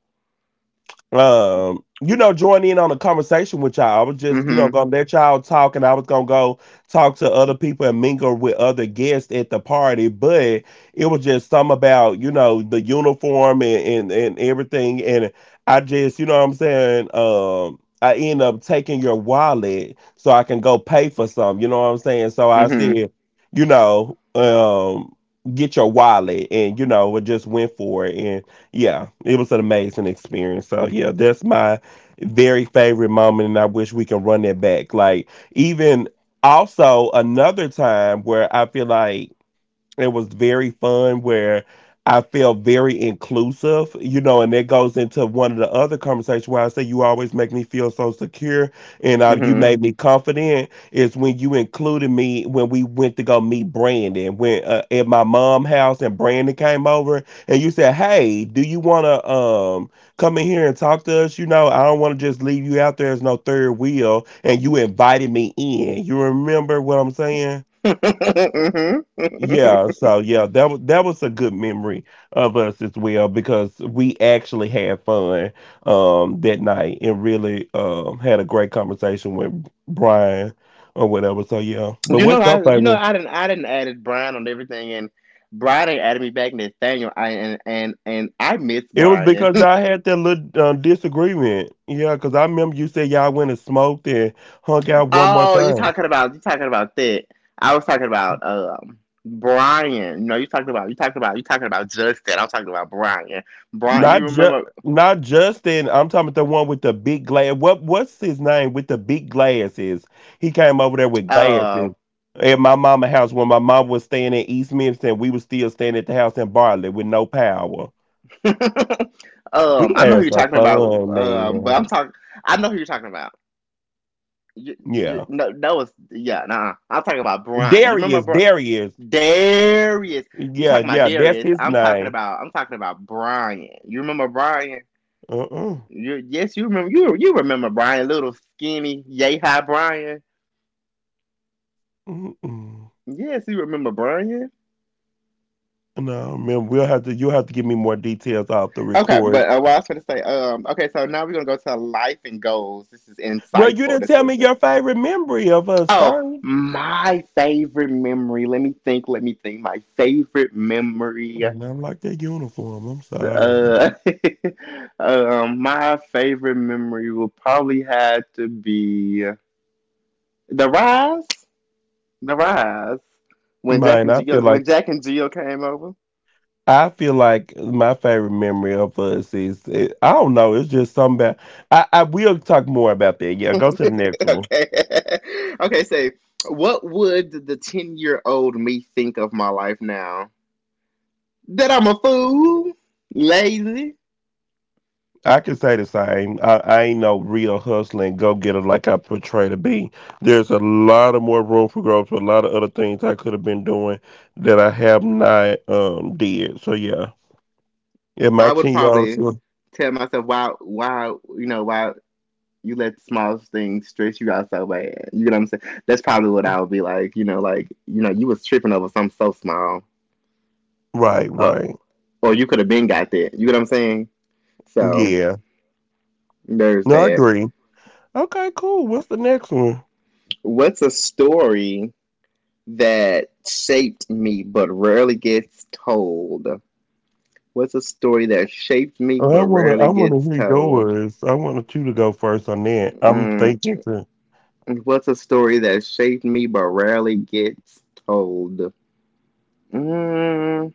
you know, join in on a conversation with y'all. I was just, you know, Mhm. gonna let y'all talk and I was gonna go talk to other people and mingle with other guests at the party, but it was just something about, you know, the uniform, and everything. And I just, you know what I'm saying? I end up taking your wallet so I can go pay for something, you know what I'm saying? So I Mhm. said, you know, get your wallet and, you know, we just went for it. Yeah, it was an amazing experience. So yeah, that's my very favorite moment, and I wish we can run that back. Like even also another time where I feel like it was very fun where I felt very inclusive, you know, and that goes into one of the other conversations where I say you always make me feel so secure and you Mhm. made me confident is when you included me when we went to go meet Brandon when at my mom house and Brandon came over and you said, "Hey, do you want to come in here and talk to us? You know, I don't want to just leave you out there as no third wheel." And you invited me in. You remember what I'm saying? Mhm. Yeah, so yeah, that was a good memory of us as well because we actually had fun that night and really had a great conversation with Brian or whatever. So yeah, but You know, what's your I, you know, favorite? I didn't added Brian on everything, and Brian ain't added me back. Nathaniel, I, and I miss It was Brian. because y'all had that little disagreement. Yeah, because I remember you said y'all went and smoked and hung out one more Oh, you're time. talking about, that. I was talking about Brian. No, you talking about, Justin. I'm talking about Brian. Brian, you Not just remember? Not Justin. I'm talking about the one with the big glass. What's his name with the big glasses? He came over there with Uh, glasses at my mama house when my mom was staying in East Memphis. We was still staying at the house in Bartley with no power. We I know who had you're some talking about. fun, But I'm man. talking. I know who you're talking about. Yeah, No, that was yeah. Nah, I'm talking about Brian. You remember Darius, Brian? Darius. Darius. You Yeah, talking about yeah, that's Darius? his I'm talking name. about. I'm talking about Brian. You remember Brian? Uh-uh. You, yes, you remember you you remember Brian, little skinny, yay high Brian. Mm-mm. Yes, you remember Brian. No, man, we'll have to. You'll have to give me more details off the Okay, record. but what I was going to say, okay, so now we're gonna go to life and goals. This is Well, you insightful. didn't That's tell what it me says. your favorite memory of us Oh, first. my favorite memory. Let me think. Let me think. My favorite memory. And I like that uniform. I'm sorry. Uh, my favorite memory will probably have to be the rise. The rise when Mine, I feel like Jack and Jill came over. My favorite memory of us is it, I don't know. It's just something about I we'll talk more about that. Yeah, go to the next one. Okay. Okay, what would the 10-year-old me think of my life now? That I'm a fool, lazy. I can say the same. I ain't no real hustling go getter like I portray to be. There's a lot of more room for growth. A lot of other things I could have been doing that I have not did. So yeah, yeah. My I would 10-year-old old, probably tell myself why, you know, why you let the smallest things stress you out so bad? You know what I'm saying? That's probably what I would be like, you know, you was tripping over something so small. right, Uh, right, or you could have been got that. You know what I'm saying? So, yeah. there's No, I that. agree. Okay, cool. What's the next one? What's a story that shaped me but rarely gets told? What's a story that shaped me Oh, I but wanna I rarely wanna gets hear told? yours. I wanted you to go first on that. I'm Mm, thinking to what's a story that shaped me but rarely gets told? Mm,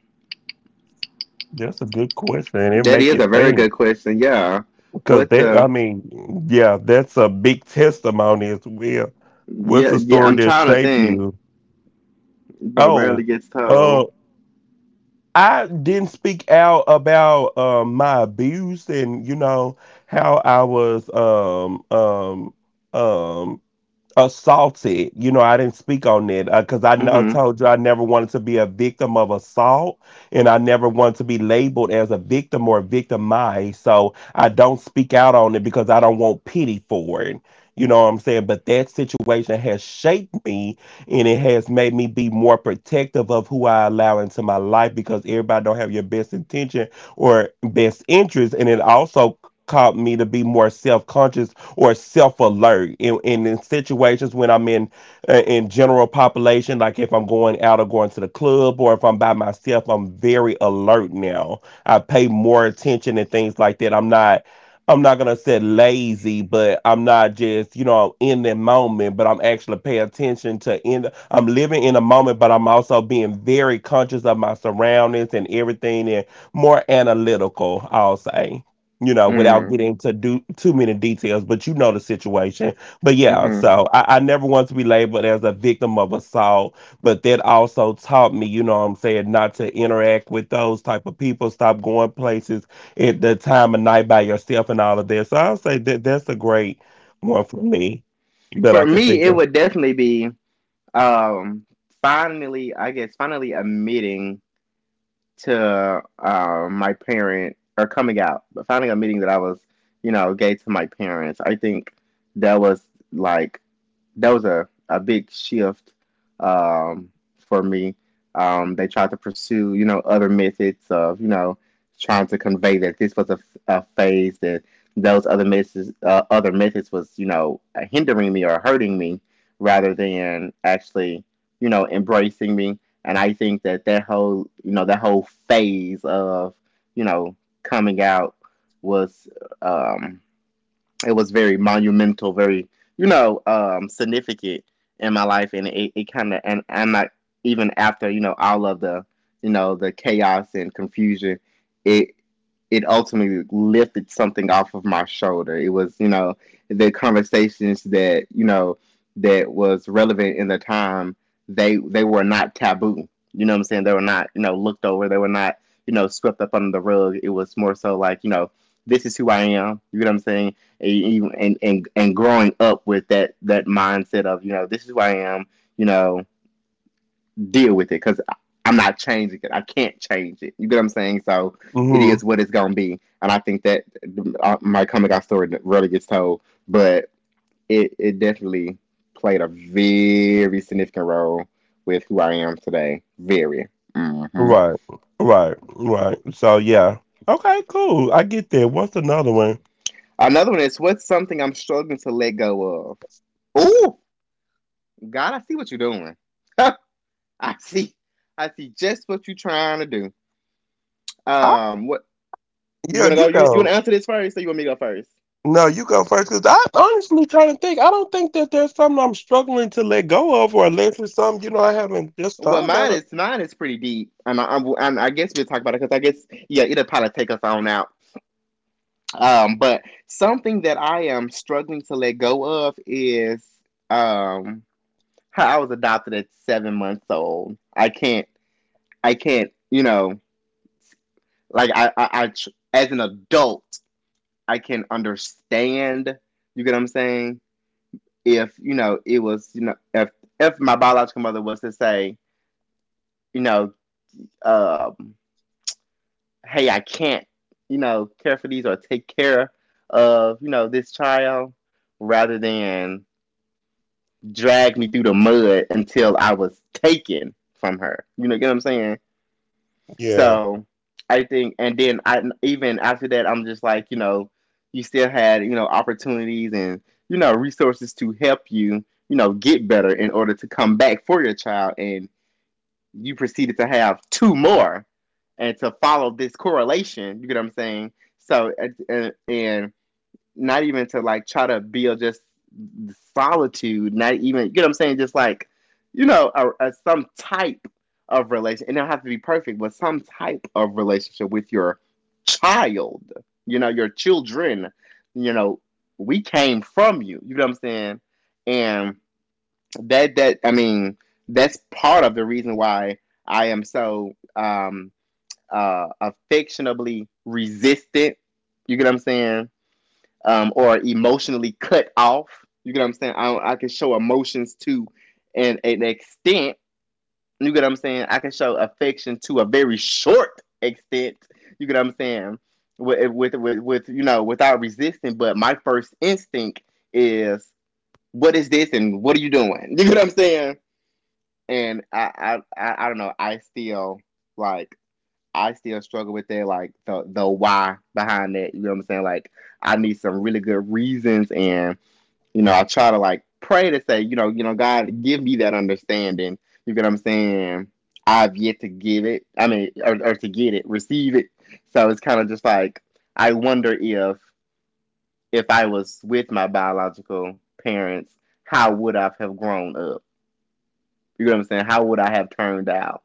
That's a good question and that make is a it very think. good question. Yeah. Cause What's that I a mean, yeah, that's a big testimony as well. What's yeah, the yeah story I'm that trying to shaped think, you? but Oh, rarely gets uh told. I didn't speak out about my abuse and you know how I was um assaulted. You know, I didn't speak on it because I know, Mhm. told you I never wanted to be a victim of assault and I never wanted to be labeled as a victim or victimized. So I don't speak out on it because I don't want pity for it. You know what I'm saying? But that situation has shaped me and it has made me be more protective of who I allow into my life because everybody don't have your best intention or best interest. And it also caused me to be more self-conscious or self alert in situations when I'm in general population, like if I'm going out or going to the club or if I'm by myself, I'm very alert now. I pay more attention and things like that. I'm not gonna say lazy, but I'm not just, you know, in the moment, but I'm actually paying attention I'm living in a moment, but I'm also being very conscious of my surroundings and everything and more analytical, I'll say you know, without Mhm. getting to do too many details, but you know the situation. But yeah, Mhm. so I never want to be labeled as a victim of assault, but that also taught me, you know what I'm saying, not to interact with those type of people, stop going places at the time of night by yourself and all of that. So I'll say that that's a great one for me that For I could me, think it of. would definitely be um finally I guess finally admitting to my parent, or coming out, but finally admitting that I was, you know, gay to my parents. I think that was like, that was a big shift, for me. They tried to pursue, you know, other methods of, you know, trying to convey that this was a phase, that those other methods was, you know, hindering me or hurting me rather than actually, you know, embracing me. And I think that that whole, you know, that whole phase of, you know, coming out was, um, it was very monumental, very, you know, significant in my life, and it kind of and I'm not even after, you know, all of the, you know, the chaos and confusion, it it ultimately lifted something off of my shoulder. It was, you know, the conversations that, you know, that was relevant in the time, they were not taboo. You know what I'm saying? They were not, you know, looked over. They were not, you know, swept up under the rug. It was more so like, you know, this is who I am. You know what I'm saying? And growing up with that mindset of, you know, this is who I am, you know, deal with it, because I'm not changing it, I can't change it. You get what I'm saying? So it Hmm. is what it's gonna be. And I think that, my coming out story really gets told, but it definitely played a very significant role with who I am today. Very hmm. Right. Right. Right. So yeah. Okay, cool. I get that. What's another one? Another one is, what's something I'm struggling to let go of? Ooh, God, I see what you're doing. I I see. I see just what you're trying to do. I, what, you yeah, gonna you go? You wanna go. answer this first, or you want me to go first? No, you go first because I honestly trying to think. I don't think that there's something I'm struggling to let go of, or unless it's something you know I haven't just Well, thought about mine it. is mine is pretty deep, and and I guess we'll talk about it, because I guess, yeah, it'll probably take us on out. But something that I am struggling to let go of is, um how I was adopted at 7 months old. I can't. I can't. You know, like I, as an adult, I can understand. You get what I'm saying? If, you know, it was, you know, if my biological mother was to say, you know, um, hey, I can't, you know, care for these, or take care of, you know, this child, rather than drag me through the mud until I was taken from her. You know, get what I'm saying? Yeah, So I think, and then I, even after that, I'm just like, you know, you still had, you know, opportunities and, you know, resources to help you, you know, get better in order to come back for your child, and you proceeded to have two more, and to follow this correlation. You get what I'm saying? So, and not even to like try to build just solitude, not even, you get what I'm saying, just like, you know, some type of relation, it don't have to be perfect, but some type of relationship with your child, you know, your children, you know, we came from you. You know what I'm saying? And that, that, I mean, that's part of the reason why I am so affectionably resistant. You get what I'm saying? Or emotionally cut off. You get what I'm saying? I can show emotions to an extent. You get what I'm saying? I can show affection to a very short extent. You get what I'm saying? With you know, without resisting, but my first instinct is, what is this and what are you doing? You get what I'm saying? And I don't know. I still, like, I still struggle with that, like the why behind that. You know what I'm saying? Like, I need some really good reasons, and, you know, I try to like pray to say, you know, you know, God give me that understanding. You get what I'm saying? I've yet to give it. I mean, or to get it, receive it. So it's kind of just like, I wonder if I was with my biological parents, how would I have grown up? You know what I'm saying? How would I have turned out?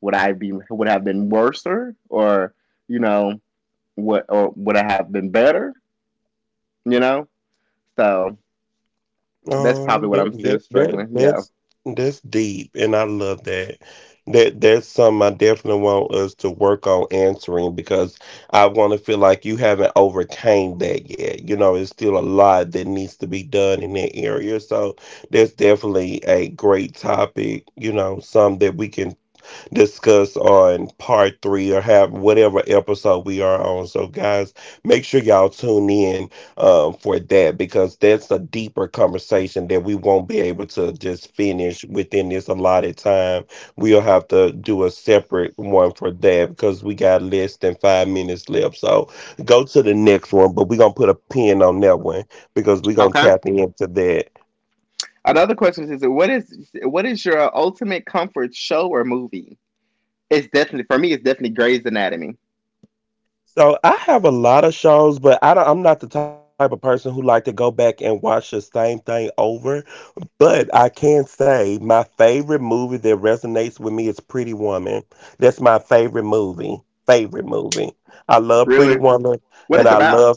Would I be would have been worse, or, you know what, or would I have been better? You know, so that's um, probably what that I'm still that that struggling. Yeah. that's that's deep, and I love that. That's something I definitely want us to work on answering because I want to feel like you haven't overcame that yet. You know, it's still a lot that needs to be done in that area. So that's definitely a great topic. You know, some that we can discuss on part three or have whatever episode we are on. So, guys, make sure y'all tune in for that because that's a deeper conversation that we won't be able to just finish within this allotted time. We'll have to do a separate one for that because we got less than 5 minutes left. So, go to the next one, but we're going to put a pin on that one because we're going to Okay. tap into that. Another question is, what is your ultimate comfort show or movie? It's definitely, for me, it's definitely Grey's Anatomy. So I have a lot of shows, but I'm not the type of person who like to go back and watch the same thing over. But I can say my favorite movie that resonates with me is Pretty Woman. That's my favorite movie. Favorite movie. I love Pretty Really? Woman, What and it's I about? love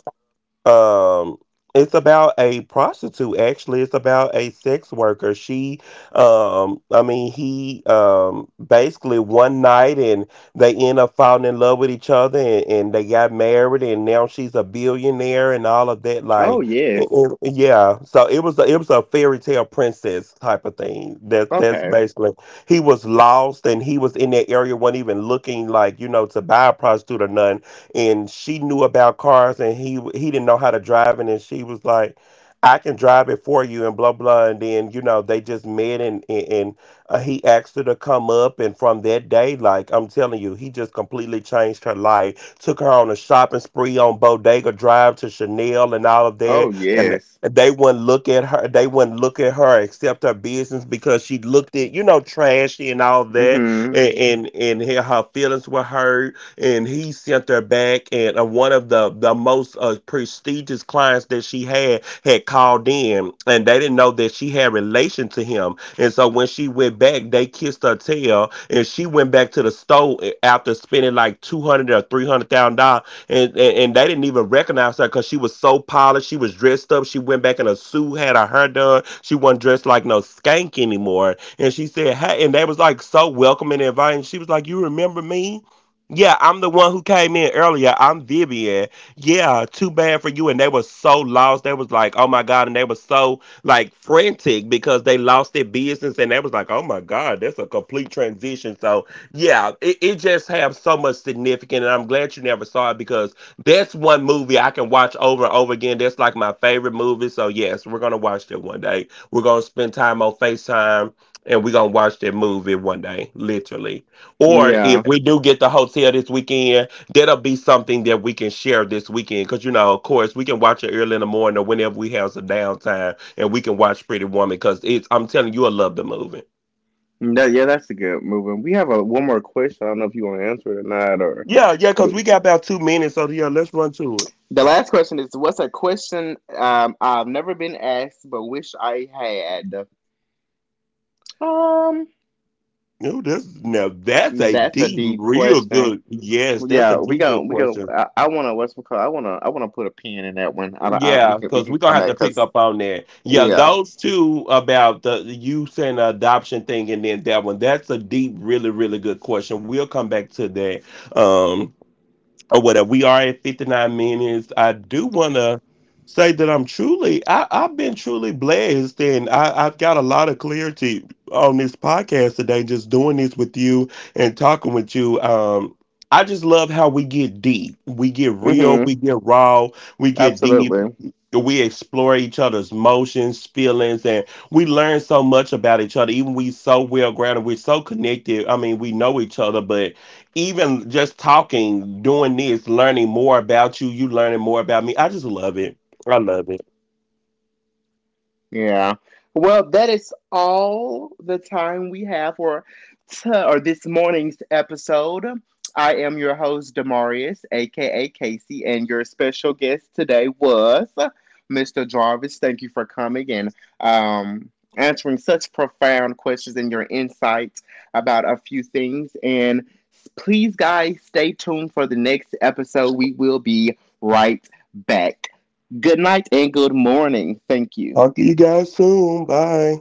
um, it's about a prostitute, actually. It's about a sex worker. She, I mean, he, basically one night and they end up falling in love with each other and they got married and now she's a billionaire and all of that. Oh Like, yes. Yeah. So it was a fairy tale princess type of thing. That's Okay. basically, he was lost and he was in that area, wasn't even looking like, you know, to buy a prostitute or none and she knew about cars and he didn't know how to drive it and she was like I can drive it for you and blah blah and then you know they just met and he asked her to come up and from that day like I'm telling you he just completely changed her life took her on a shopping spree on Bodega Drive to Chanel and all of Oh that and yes. they wouldn't look at her they wouldn't look at her except her business because she looked at you know trashy and all Mm. that Mhm. and her feelings were hurt and he sent her back. And one of the most prestigious clients that she had had called in, and they didn't know that she had relation to him. And so when she went back, they kissed her tail, and she went back to the store after spending like two hundred or three hundred thousand dollars, and they didn't even recognize her because she was so polished. She was dressed up. She went back in a suit, had her hair done. She wasn't dressed like no skank anymore. And she said, "Hey," and they was like so welcoming and inviting. She was like, "You remember me? Yeah, I'm the one who came in earlier. I'm Vivian. Yeah, too bad for you." And they were so lost. They was like, oh my God. And they were so like frantic because they lost their business. And they was like, oh my God, that's a complete transition. So yeah, it just have so much significance. And I'm glad you never saw it because that's one movie I can watch over and over again. That's like my favorite movie. So yes, we're gonna watch that one day. We're gonna spend time on FaceTime and we're gonna watch that movie one day, literally. Or Yeah. if we do get the hotel this weekend, that'll be something that we can share this weekend. Because, you know, of course, we can watch it early in the morning or whenever we have some downtime and we can watch Pretty Woman because it's, I'm telling you, I love the movie. That, yeah, that's a good movie. We have a one more question. I don't know if you want to answer it or not, or Yeah, yeah, because do. we got about 2 minutes. So, yeah, let's run to it. The last question is, what's a question, I've never been asked but wish I had? Um, No, this now that's a that's a deep, deep real question. good. Yes, that's a Yeah, we deep, go. good We go. question. I wanna, what's it called? I wanna put a pin in that one. I, don't- I we Yeah, can, we because can we're gonna come have back, to pick because up on that. Yeah, yeah. those two about the use and adoption thing, and then that one. That's a deep, really, really good question. We'll come back to that. Um, or whatever. We are at 59 minutes. I do want to say that I've been truly blessed, and I've got a lot of clarity on this podcast today, just doing this with you and talking with you. I just love how we get deep. We get real, Mm-hmm. we get raw, we get deep. Absolutely. We explore each other's emotions, feelings, and we learn so much about each other. Even we so well grounded, we're so connected. I mean, we know each other, but even just talking, doing this, learning more about you, you learning more about me. I just love it. I love it. Yeah. Well, that is all the time we have for t- or this morning's episode. I am your host, Demarius, aka Casey, and your special guest today was Mr. Jarvis. Thank you for coming and, answering such profound questions and your insights about a few things. And please, guys, stay tuned for the next episode. We will be right back. Good night and good morning. Thank you. Talk to you guys soon. Bye.